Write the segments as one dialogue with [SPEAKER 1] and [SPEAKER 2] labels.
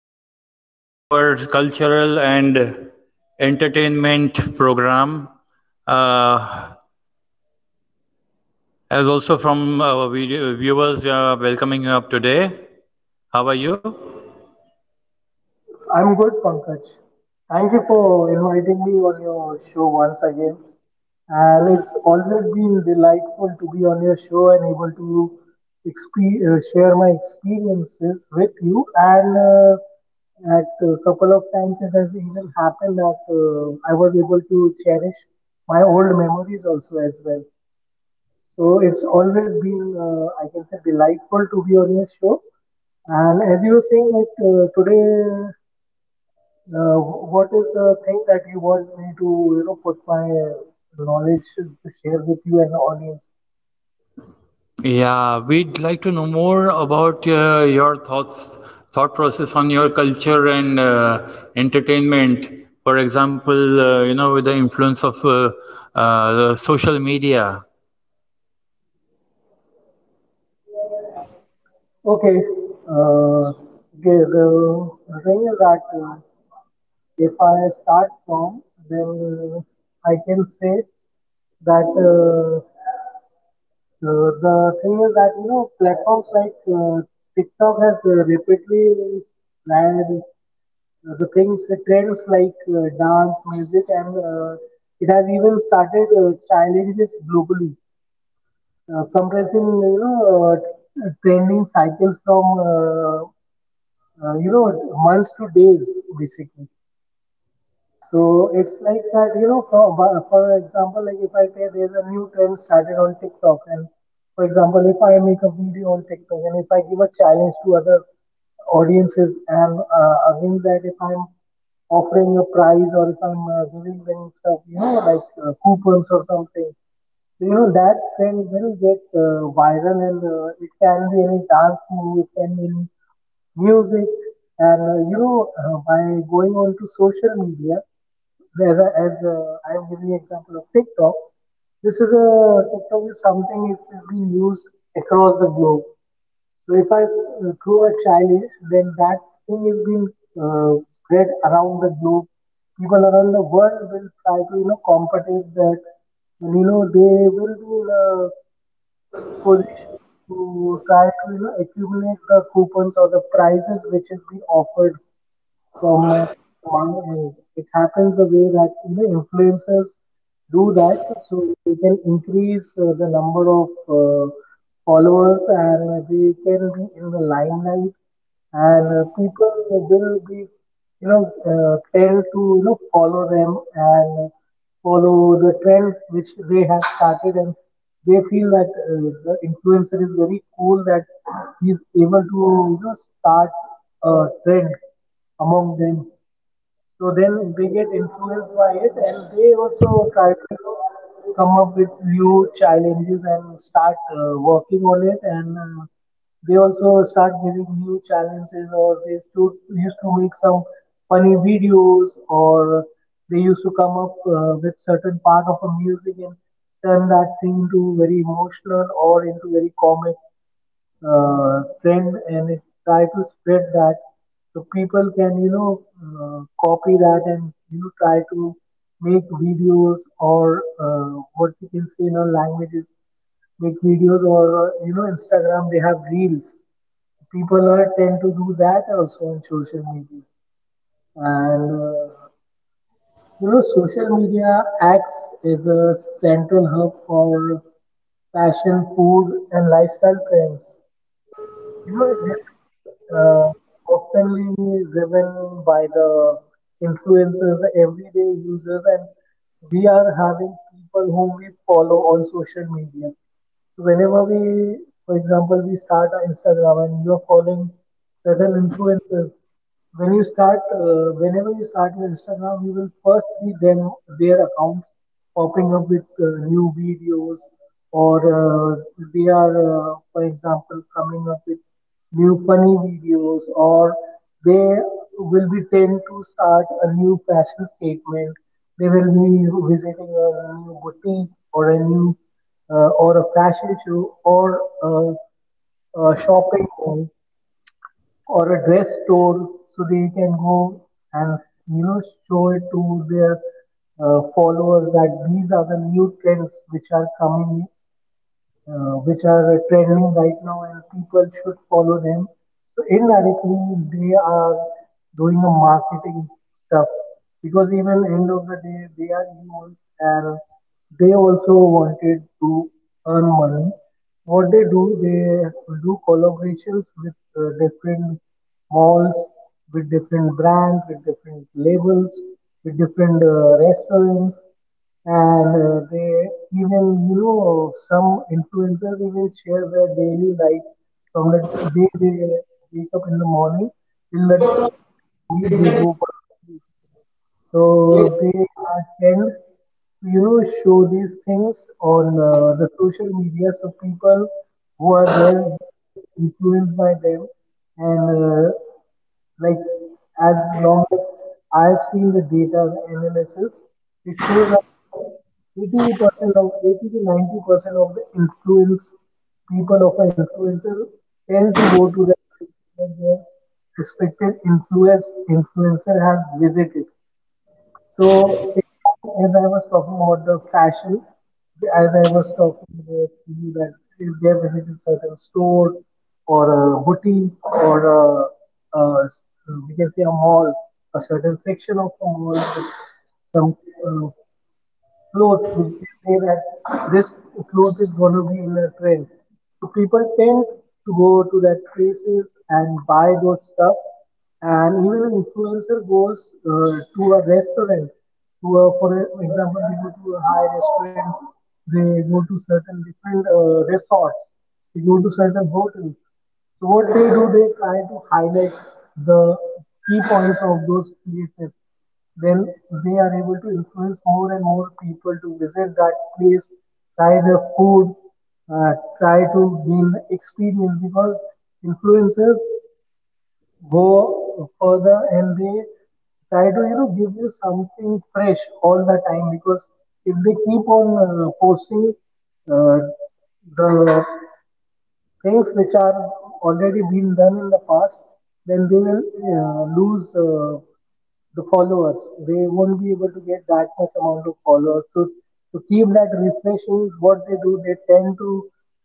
[SPEAKER 1] Kabir, today to our cultural and entertainment program. Uh, as also from our video viewers, we are welcoming you up today. How are you?
[SPEAKER 2] I'm good, Pankaj. Thank you for inviting me on your show once again. And it's always been delightful to be on your show and able to share my experiences with you. And at a couple of times it has even happened that I was able to cherish my old memories also as well. So it's always been, I can say, delightful to be on your show. And as you were saying, like today, uh, what is the thing that you want me to, you know, put my knowledge to share with you and the audience?
[SPEAKER 1] Yeah, we'd like to know more about your thoughts, thought process on your culture and entertainment. For example, with the influence of the social media.
[SPEAKER 2] Okay. Uh, okay. The thing is that, if I start from, then I can say that. The thing is that, you know, platforms like TikTok has rapidly spread the things, the trends like dance, music, and it has even started challenges globally, compressing, you know, trending cycles from uh, you know, months to days basically. So it's like that, you know, for, but for example, like if I say there's a new trend started on TikTok, and for example, if I make a video on TikTok and if I give a challenge to other audiences, and against that, if I'm offering a prize or if I'm giving them stuff, you know, like coupons or something, so, you know, that trend will get viral, and it can be any dance move, it can be any music, and you know, by going on to social media, as, as I'm giving example of TikTok, this is a TikTok is something which is being used across the globe. So if I throw a challenge, then that thing is being spread around the globe. People around the world will try to, you know, compete with that, and you know they will do position to try to, you know, accumulate the coupons or the prizes which is being offered from my, my end. It happens the way that you know influencers do that, so they can increase the number of followers and they can be in the limelight, and people will be, you know, tend to, you know, follow them and follow the trend which they have started, and they feel that the influencer is very cool, that he's able to, you know, start a trend among them. So then they get influenced by it and they also try to, you know, come up with new challenges and start working on it, and they also start giving new challenges, or they used to make some funny videos, or they used to come up with certain part of a music and turn that thing into very emotional or into very comic trend, and it try to spread that so people can, you know, copy that and, you know, try to make videos or what we can say in our languages, make videos or you know, Instagram, they have reels. People are tend to do that also on social media, and you know, social media acts as a central hub for fashion, food, and lifestyle trends. You know, this is uh, oftenly driven by the influencers, the everyday users, and we are having people whom we follow on social media. So whenever we, for example, we start our Instagram and you are following certain influencers, when you start whenever you start your Instagram, you will first see them, their accounts popping up with new videos, or they are, for example, coming up with new funny videos, or they will be tend to start a new fashion statement. They will be visiting a new boutique or a new, or a fashion show, or a shopping mall or a dress store, so they can go and, you know, show it to their followers that these are the new trends which are coming, which are trending right now and people should follow them. So indirectly, they are doing a marketing stuff, because even end of the day, they are humans, and they also wanted to earn money. What they do collaborations with different malls, with different brands, with different labels, with different restaurants, and they even, you know, some influencers even share their daily life from the day they wake up in the morning till the night they go for, so they are tend to, you know, show these things on the social media, so people who are there get influenced by them, and like as long as I've seen the data analysis, it shows that around 80% of 80 to 90% of the influence people of an influencer tend to go to that place where their respected influencer has visited. So it can, as I was talking about the fashion, as I was talking about to you, that if they are visiting certain store or a boutique or a s- we can say a mall, a certain section of a mall, with some uh, clothes which they say that this cloth is going to be in a trend. So people tend to go to that places and buy those stuff. And even an influencer goes to a restaurant, to a, for example, they go to a high restaurant, they go to certain different resorts, they go to certain hotels. So what they do, they try to highlight the key points of those places when they are able to influence more and more people to visit that place, try the food, uh, try to gain the experience, because influencers go further and they try to, you know, give you something fresh all the time, because if they keep on posting uh, the things which are already been done in the past, then they will lose the followers. They won't be able to get that much amount of followers. So to keep that refreshing, what they do, they tend to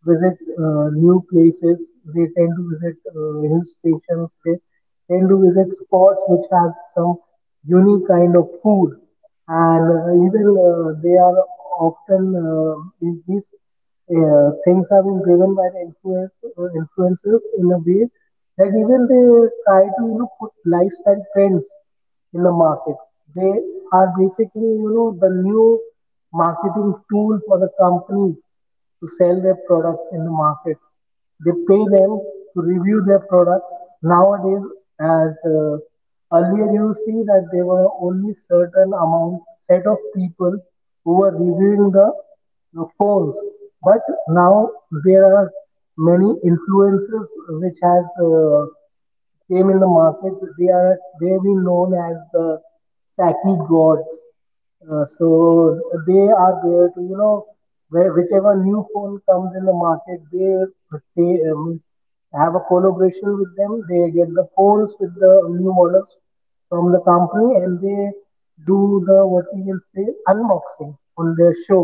[SPEAKER 2] visit new places. They tend to visit hill stations. They tend to visit spots which has some unique kind of food, and even they are often, in these things are being driven by the influencers in a way that even they try to, you know, put lifestyle trends in the market. They are basically, you know, the new marketing tool for the companies to sell their products in the market. They pay them to review their products nowadays. As earlier, you see that there were only certain amount set of people who were reviewing the phones. But now there are many influencers which has came in the market. They have been known as the tacky gods. So they are there to, you know, where whichever new phone comes in the market, they means have a collaboration with them. They get the phones with the new models from the company, and they do the what we can say unboxing on their show,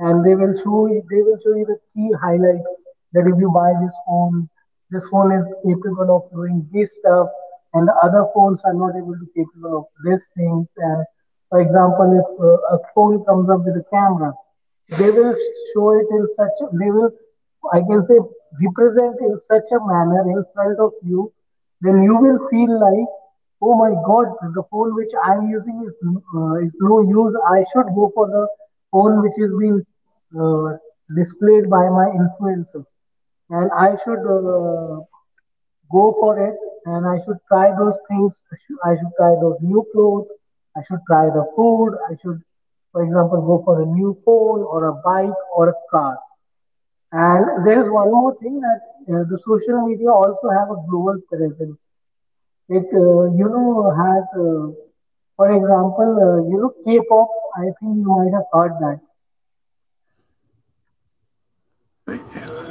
[SPEAKER 2] and they will show you the key highlights that if you buy this phone is capable of doing this stuff, and other phones are not able to capable of these things. And for example, if a phone comes up with a camera, they will show it in such a, they will, I can say, represent in such a manner in front of you, then you will feel like, Oh my God, the phone which I'm using is no use. I should go for the phone which is being uh, displayed by my influencer, and I should go for it. And I should try those things. I should try those new clothes. I should try the food. I should, for example, go for a new phone or a bike or a car. And there is one more thing, that the social media also have a global presence. It, you know, has, for example, you know, K-pop, I think you might have heard that.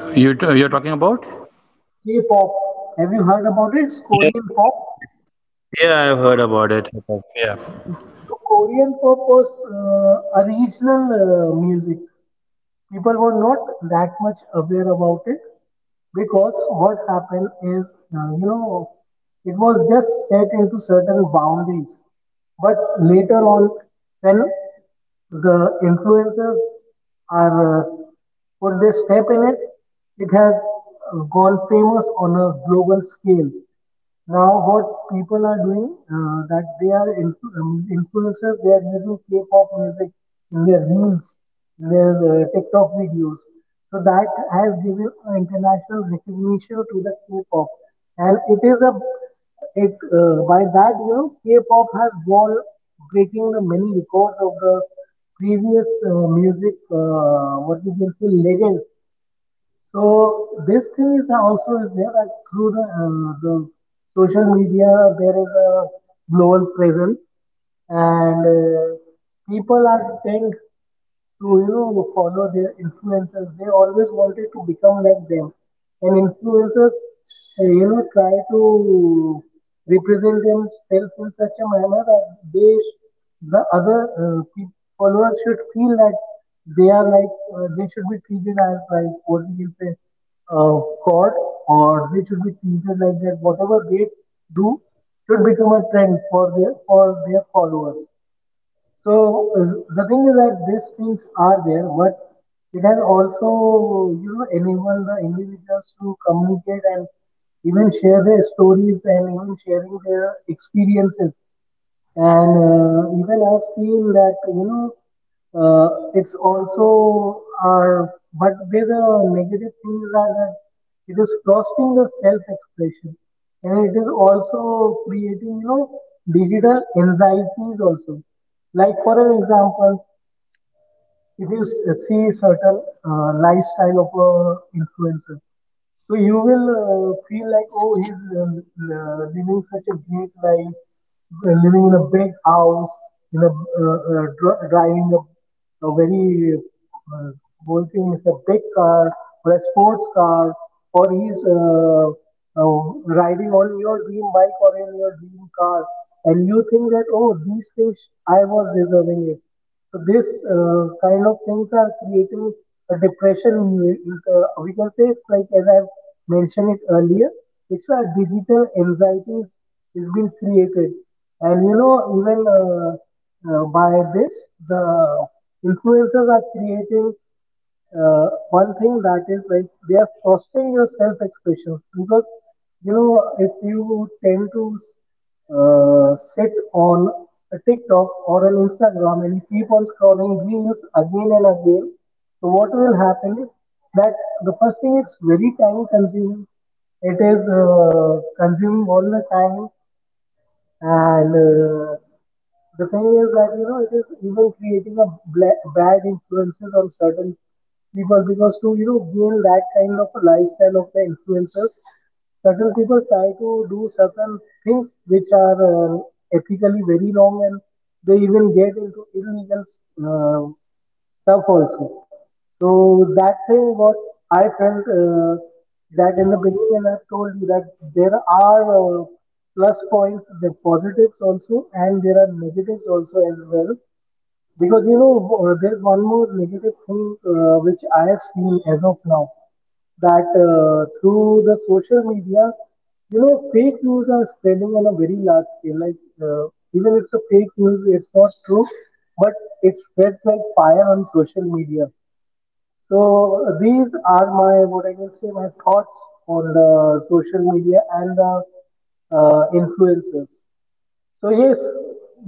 [SPEAKER 1] You you're talking
[SPEAKER 2] K-
[SPEAKER 1] about?
[SPEAKER 2] K-pop, have you heard about it? It's Korean pop.
[SPEAKER 1] Yeah, I've heard
[SPEAKER 2] So,
[SPEAKER 1] about it. Yeah.
[SPEAKER 2] yes, the Korean pop was a regional music. People were not that much aware about it, because what happened is, you know, it was just set into certain boundaries. But later on, when the influencers are put their step in it, it has gone famous on a global scale. Now, what people are doing that they are influencers, they are using K-pop music in their reels, in their TikTok videos. So that has given an international recognition to the K-pop, and it is a it by that K-pop has gone breaking the many records of the previous music, what we can say, legends. So this thing is also is there, that through the social media there is a global presence, and people are tend to follow their influencers. They always wanted to become like them, and influencers try to represent themselves in such a manner that they sh- the followers should feel that they are like, they should be treated as, like, what we can say, uh, god, or they should be treated like that, whatever they do should become a trend for their followers. So the thing is that these things are there, but it has also, enabled the individuals to communicate and even share their stories and even sharing their experiences. And even I've seen that, uh, it's also our, but where the negative things are that it is fostering the self-expression, and it is also creating, digital anxieties also. Like for an example, it is, see, certain lifestyle of a influencer, so you will feel like, oh, he's living such a great life, living in a big house, in a driving a very uh, goal thing is a big car, or a sports car, or he's uh, riding on your dream bike or in your dream car, and you think that, oh, these things I was deserving it. So this kind of things are creating a depression in you. In, we can say, it's like, as I've mentioned it earlier, it's a digital anxieties is being created. And even by this, the influencers are creating one thing, that is like, they are fostering your self expressions, because if you tend to sit on a TikTok or an Instagram and you keep on scrolling reels again and again, so what will happen is that, the first thing, it's very time consuming. It is consuming all the time. And the thing is that it is even creating a bad influences on certain people, because to gain that kind of a lifestyle of the influencers, certain people try to do certain things which are ethically very wrong, and they even get into illegal uh, stuff also. So that thing what I felt, that in the beginning, and I've told you that there are plus points, the positives also, and there are negatives also as well. Because, there's one more negative thing which I have seen as of now, that through the social media, fake news are spreading on a very large scale. Like, even if it's a fake news, it's not true, but it spreads like fire on social media. So, these are my, what I can say, my thoughts on the social media and the influencers. So yes,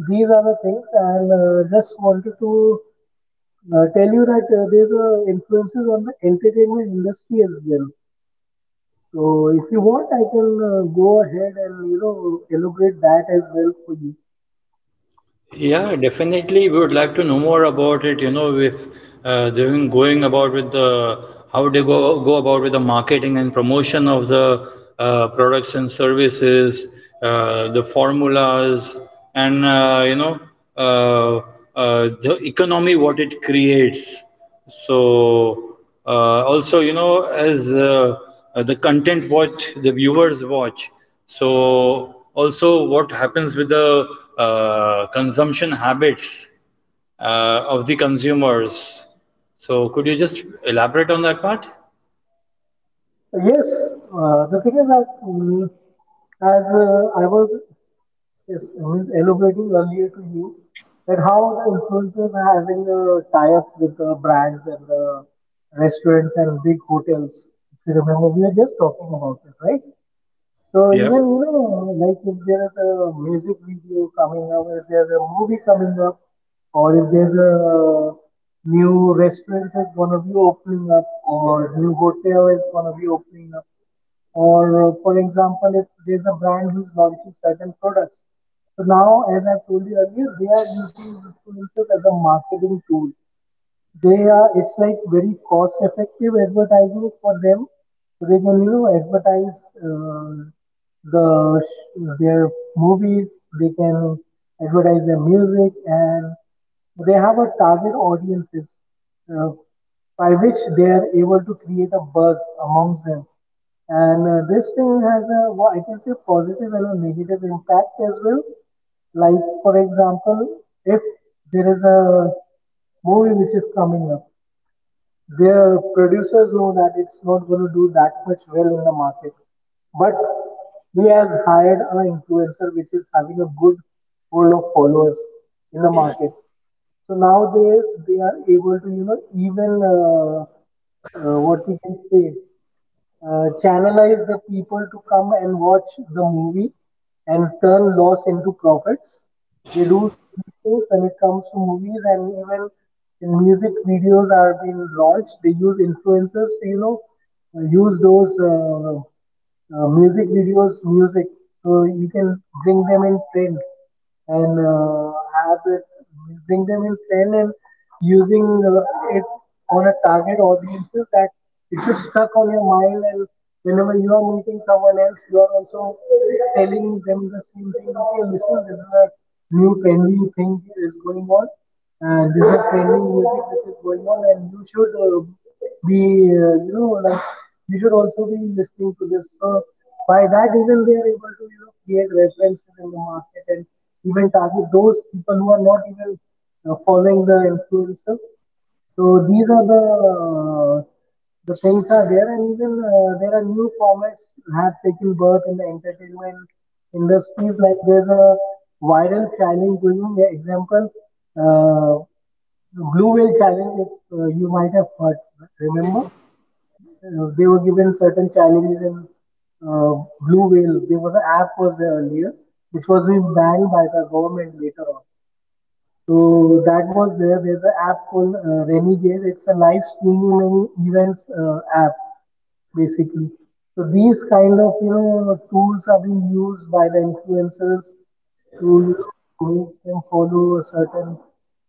[SPEAKER 2] these are the things, and just wanted to tell you that there's influences on the entertainment industry as well. So if you want, I can go ahead and elaborate that as well for you.
[SPEAKER 1] Yeah, definitely. We would like to know more about it. You know, if they're going about with the how they go about with the marketing and promotion of the products and services, the formulas, and uh, the economy what it creates. So also, you know, as the content what the viewers watch, so also what happens with the consumption habits of the consumers. So, could you just elaborate on that part?
[SPEAKER 2] Uh, yes, the thing is that, as I was elaborating earlier to you that how the influencers are having tie-ups with the brands and the restaurants and big hotels. If you remember, we were just talking about it, right? So
[SPEAKER 1] Yeah.
[SPEAKER 2] even, like, if there's a music video coming up, if there's a movie coming up, or if there's a new restaurant is gonna be opening up, or new hotel is gonna be opening up, or for example, if there's a brand who's launching certain products. So now, as I told you earlier, they are using influencers as a marketing tool. They are, it's like very cost effective advertising for them, so they can advertise uh, the their movies, they can advertise their music, and they have a target audiences, uh, by which they are able to create a buzz amongst them. And this thing has a, I can say, positive and a negative impact as well. Like for example, if there is a movie which is coming up. Their producers know that it's not going to do that much well in the market, but he has hired an influencer which is having a good pool of followers in the market. So nowadays they are able to even what we can say, channelize the people to come and watch the movie, and turn loss into profits. They do these things when it comes to movies, and even in music videos are being launched. They use influencers to use those music videos music, so you can bring them in trend and have it, bring them in trend and using uh, it on a target audiences, that it's just stuck on your mind, and whenever you are meeting someone else, you are also telling them the same thing, okay, listen, this is a new trendy thing is going on, and this is the trending music which is going on, and you should be, like, you should also be listening to this. So by that, even they are able to create references in the market, and even target those people who are not even following the influencers. So these are the things are there, and even there are new formats have taken birth in the entertainment industries. Like there's a viral challenge going on. Yeah, example, uh, blue whale challenge. If, you might have heard. Remember, they were given certain challenges in uh, blue whale. There was an app was there earlier, which was being banned by the government later on. So that was there. There's an app called, Renegade. It's a live streaming events app, basically. So these kind of, tools are being used by the influencers to make them follow a certain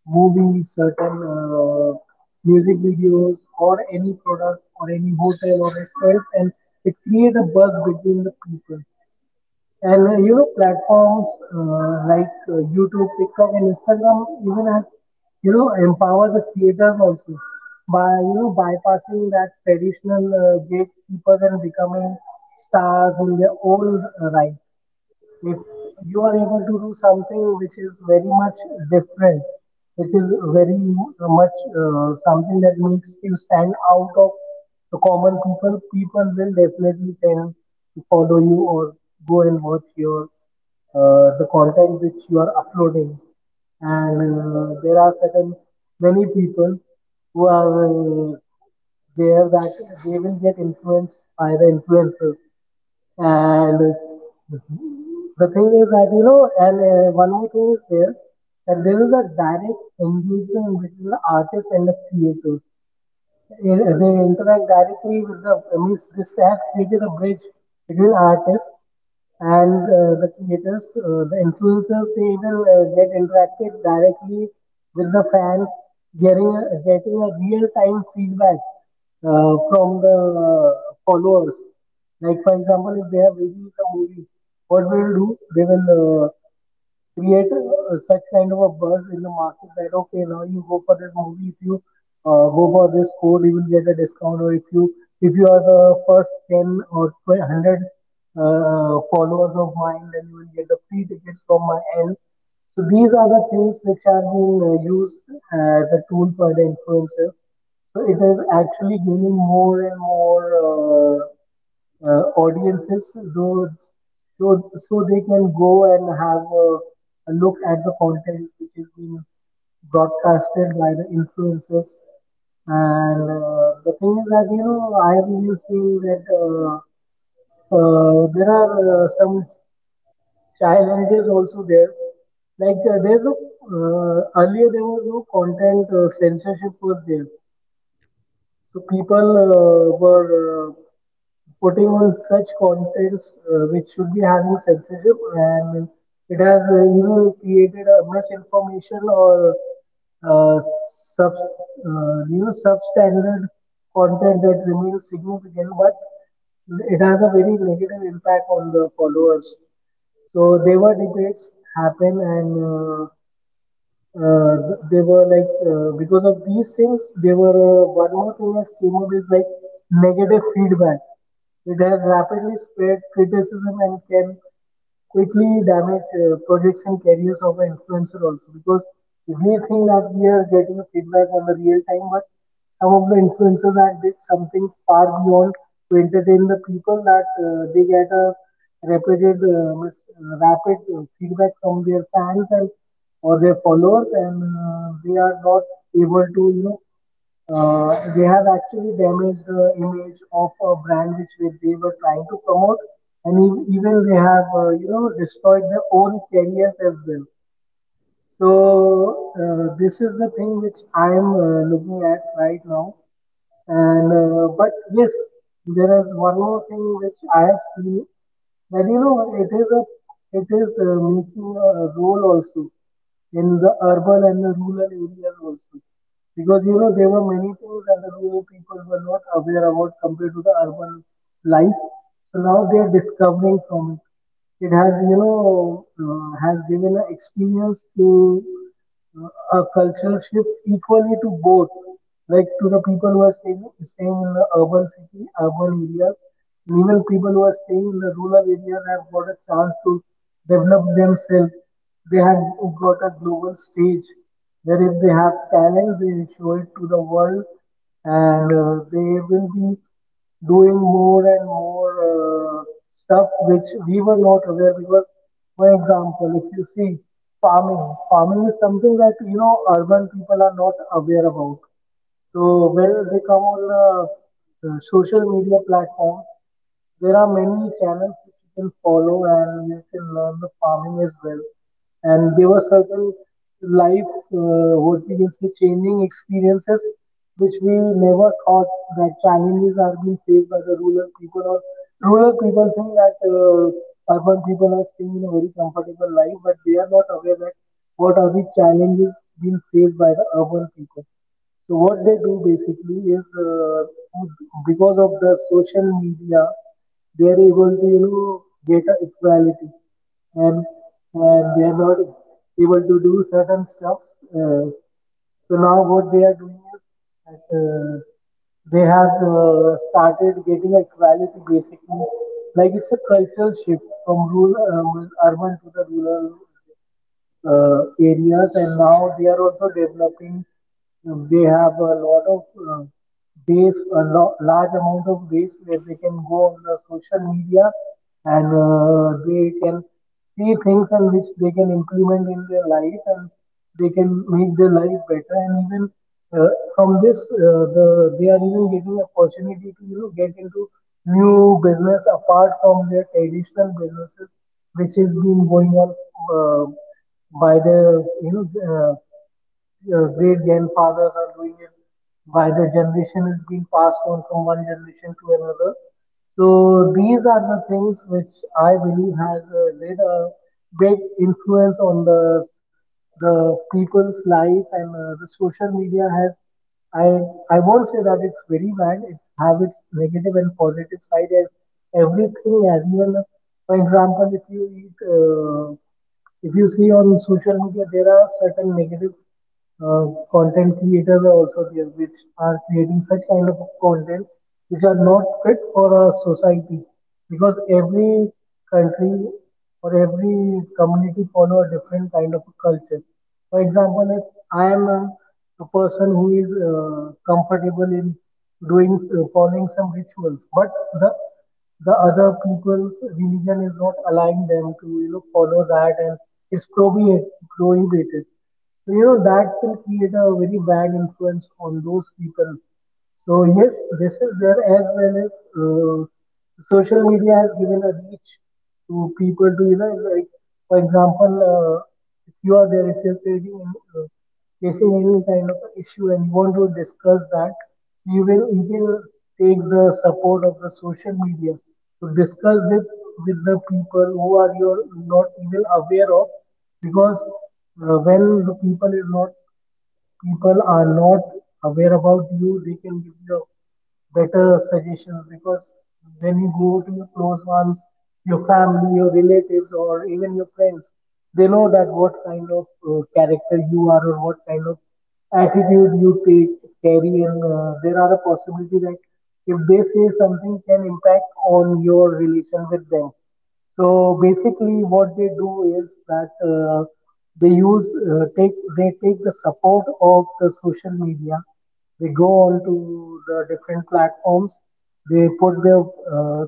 [SPEAKER 2] movie, certain music videos, or any product, or any hotel or restaurants, and it create a buzz between the people. And platforms like YouTube, TikTok, and Instagram even have empower the creators also by bypassing that traditional gatekeepers and becoming stars in their own right. If you are able to do something which is very much different, which is very much something that makes you stand out of the common people, people will definitely tend to follow you, or go and watch your the content which you are uploading. And there are certain many people who are there, that they will get influenced by the influencers. And the thing is that, you know, and one more thing is there, that there is a direct engagement between the artist and the creators. They interact directly with the means. This has created a bridge between artists and the creators. The influencers, they will get interacted directly with the fans, getting a, getting a real time feedback from the uh, followers. Like for example, if they have released a movie, what will do? They will create such kind of a buzz in the market that, okay, now you go for this movie, if you go for this code, you will get a discount, or if you, if you are the first 10 or 12 100 followers of mine, then you will get the free tickets from my end. So these are the things which are being used as a tool for the influencers, so it is actually gaining more and more audiences, so so they can go and have a look at the content which is being broadcasted by the influencers. And the thing is that, I have even seen that, there are some challenges also there. Like, there's no earlier there was no content censorship was there, so people were putting on such contents which should be having censorship, and it has even created a misinformation, or uh, substandard content that remains significant, but it has a very negative impact on the followers. So there were debates happen and uh, they were like because of these things they were one more thing that came up is like negative feedback. It has rapidly spread criticism and can quickly damage projects and careers of an influencer also because we think that we are getting feedback on the real time, but some of the influencers that did something far beyond to entertain the people that they get a rapid feedback from their fans and or their followers, and they are not able to, they have actually damaged the image of a brand which they were trying to promote, and even they have, destroyed their own careers as well. So this is the thing which I am looking at right now. And but yes, there is one more thing which I have seen that it is a it is making a role also in the urban and the rural areas also because there were many things that the rural people were not aware about compared to the urban life. So now they are discovering from it. Has you know has given an experience to a cultural shift equally to both, like to the people who are staying in the urban city, urban areas, and even people who are staying in the rural areas have got a chance to develop themselves. They have got a global stage where if they have talent, they will show it to the world, and they will be doing more and more Uh, uh, stuff which we were not aware because, for example, if you see farming. Farming is something that urban people are not aware about. So when they come on social media platform, there are many channels which you can follow and you can learn the farming as well. And there were certain life, what we can say, changing experiences which we never thought that challenges are being faced by the rural people, or rural people think that urban people are staying in a very comfortable life, but they are not aware that what are the challenges being faced by the urban people. So what they do basically is because of the social media, they are able to, get a equality, and and they are not able to do certain stuffs. Uh, so now what they are doing is that they have started getting equality basically, like it's a cultural shift from rural urban to the rural uh, areas, and now they are also developing. They have a lot of uh, base, large amount of base where they can go on the social media and they can see things and which they can implement in their life and they can make their life better, and even uh, from this uh, the they are even getting opportunity to, get into new business apart from their traditional businesses which has been going on uh, by the you know uh, your great grandfathers are doing it, by the generation is being passed on from one generation to another. So these are the things which I believe has a great, great influence on the people's life, and the social media has. I I won't say that it's very bad. It have its negative and positive side and everything. As even for example, if you eat. If you see on social media, there are certain negative content creators are also there, which are creating such kind of content which are not fit for our society. Because every country or every community follow a different kind of culture. For example, if I am a person who is comfortable in doing, following some rituals, but the the other people's religion is not allowing them to, follow that, and it's prohibi- prohibited, so that will create a very bad influence on those people. So yes, this is there, as well as uh, social media has given a reach to people to, like for example, if you are there, if you're creating any, facing any kind of issue and you want to discuss that, so you can take the support of the social media to discuss it with the people who are, you're not even aware of, because when the people is not people are not aware about you, they can give you better suggestions, because when you go to your close ones, your family, your relatives, or even your friends, they know that what kind of character you are or what kind of attitude you take carry, and there are a possibility that if they say something can impact on your relation with them. So basically, what they do is that they take the support of the social media. They go on to the different platforms. They put their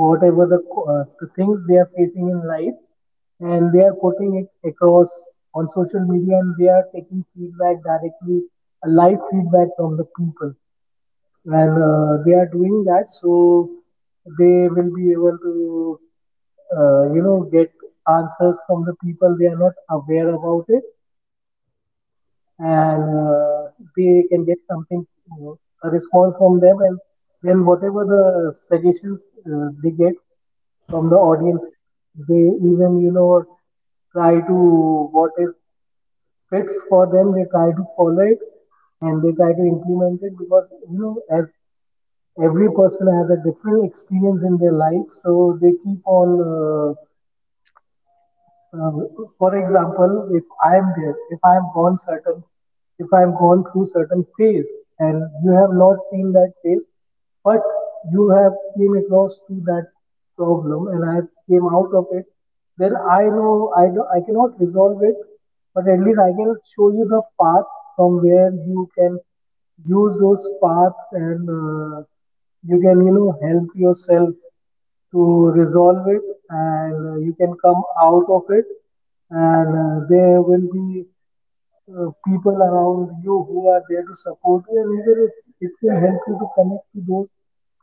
[SPEAKER 2] whatever the, the things they are facing in life, and they are putting it across on social media, and they are taking feedback directly, a live feedback from the people, and they are doing that so they will be able to, get answers from the people they are not aware about it, and they can get something, uh, a response from them, and then whatever the suggestions they get from the audiences, they even, try to what if fits for them, they try to follow it and they try to implement it, because as every person has a different experience in their life, so they keep on uh, for example, if I'm gone through certain phase, and you have not seen that phase, but you have came across to that problem, and I came out of it, then I know, I cannot resolve it, but at least I can show you the path from where you can use those paths, and you can, help yourself to resolve it, and you can come out of it, and there will be people around you who are there to support you, and even it will help you to connect to those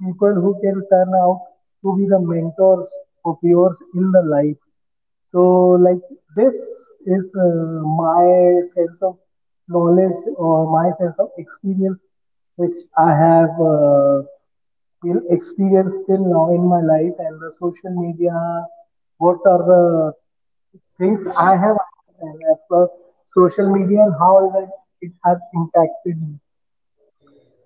[SPEAKER 2] people who can turn out to be the mentors of yours in the life. So like this is my sense of knowledge or my sense of experience which I have, you experience till now in my life, and the social media, what are the things I have understand as per social media and how that it has impacted me.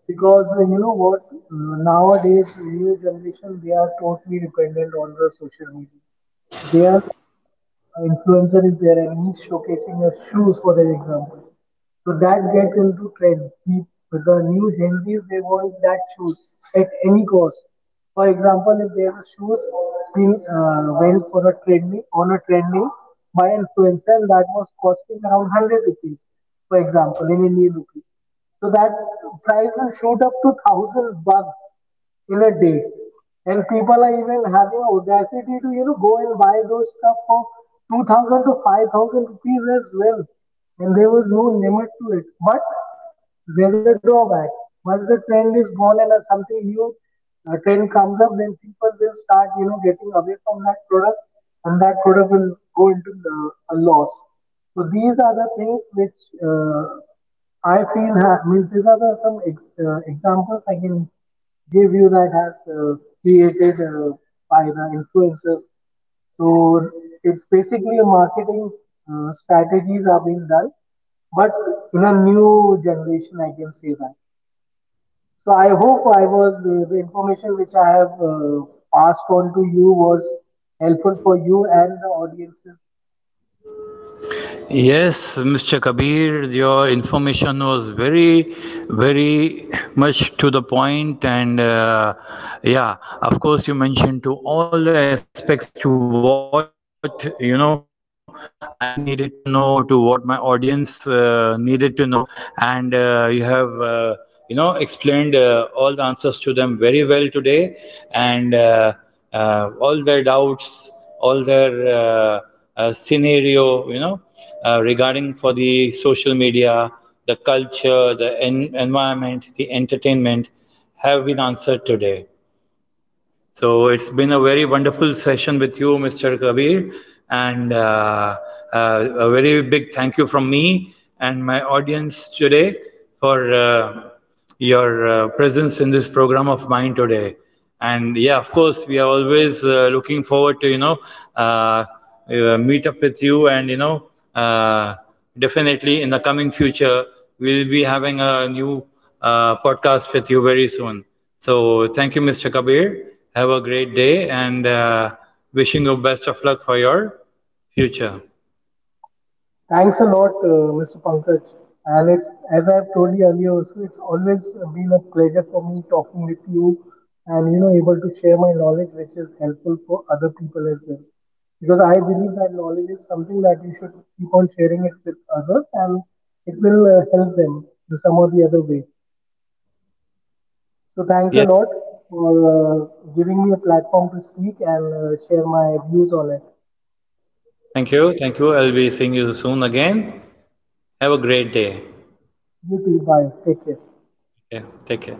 [SPEAKER 2] Because you know what nowadays new generation, they are totally dependent on the social media. They are like influencer is their enemy showcasing their shoes for their example. So that gets into trend. With the new Gen Zs, they want that shoes at any cost. For example, if their shoes been went for a trending, on a trending by influencer, and that was costing around 100 rupees, for example, in Indian rupee. So that price will shoot up to 1,000 bucks in a day. And people are even having audacity to, you know, go and buy those stuff for 2,000 to 5,000 rupees as well. And there was no limit to it. But there's a drawback. Once the trend is gone and something new trend comes up, then people will start, you know, getting away from that product, and that product will go into a loss. So these are the things which uh, I feel means these are the some examples I can give you that has created by the influencers. So it's basically a marketing strategies are being done, but in a new generation, I can say that. So I hope I was, the information which I have passed on to you was helpful for you and the audiences.
[SPEAKER 1] Yes, Mr. Kabir, your information was very, very much to the point, and yeah, of course, you mentioned to all the aspects to what you know I needed to know, to what my audience needed to know, and you have. Explained all the answers to them very well today, and all their doubts all their uh, scenario, regarding for the social media, the culture, the environment, the entertainment have been answered today. So it's been a very wonderful session with you, Mr. Kabir, and a very big thank you from me and my audience today for your presence in this program of mine today. And yeah, of course, we are always looking forward to uh, meet up with you and definitely in the coming future we'll be having a new podcast with you very soon. So thank you, Mr. Kabir, have a great day, and wishing you best of luck for your future.
[SPEAKER 2] Thanks a lot, Mr. Pankaj. And it's, as I've told you earlier also, it's always been a pleasure for me talking with you and, you know, able to share my knowledge, which is helpful for other people as well. Because I believe that knowledge is something that you should keep on sharing it with others, and it will help them in some or the other way. So thanks a
[SPEAKER 1] Yes,
[SPEAKER 2] lot for giving me a platform to speak and share my views on it.
[SPEAKER 1] thank you, thank you, I'll be seeing you soon again. Have a great day.
[SPEAKER 2] You too. Bye. Take care.
[SPEAKER 1] Okay, take care.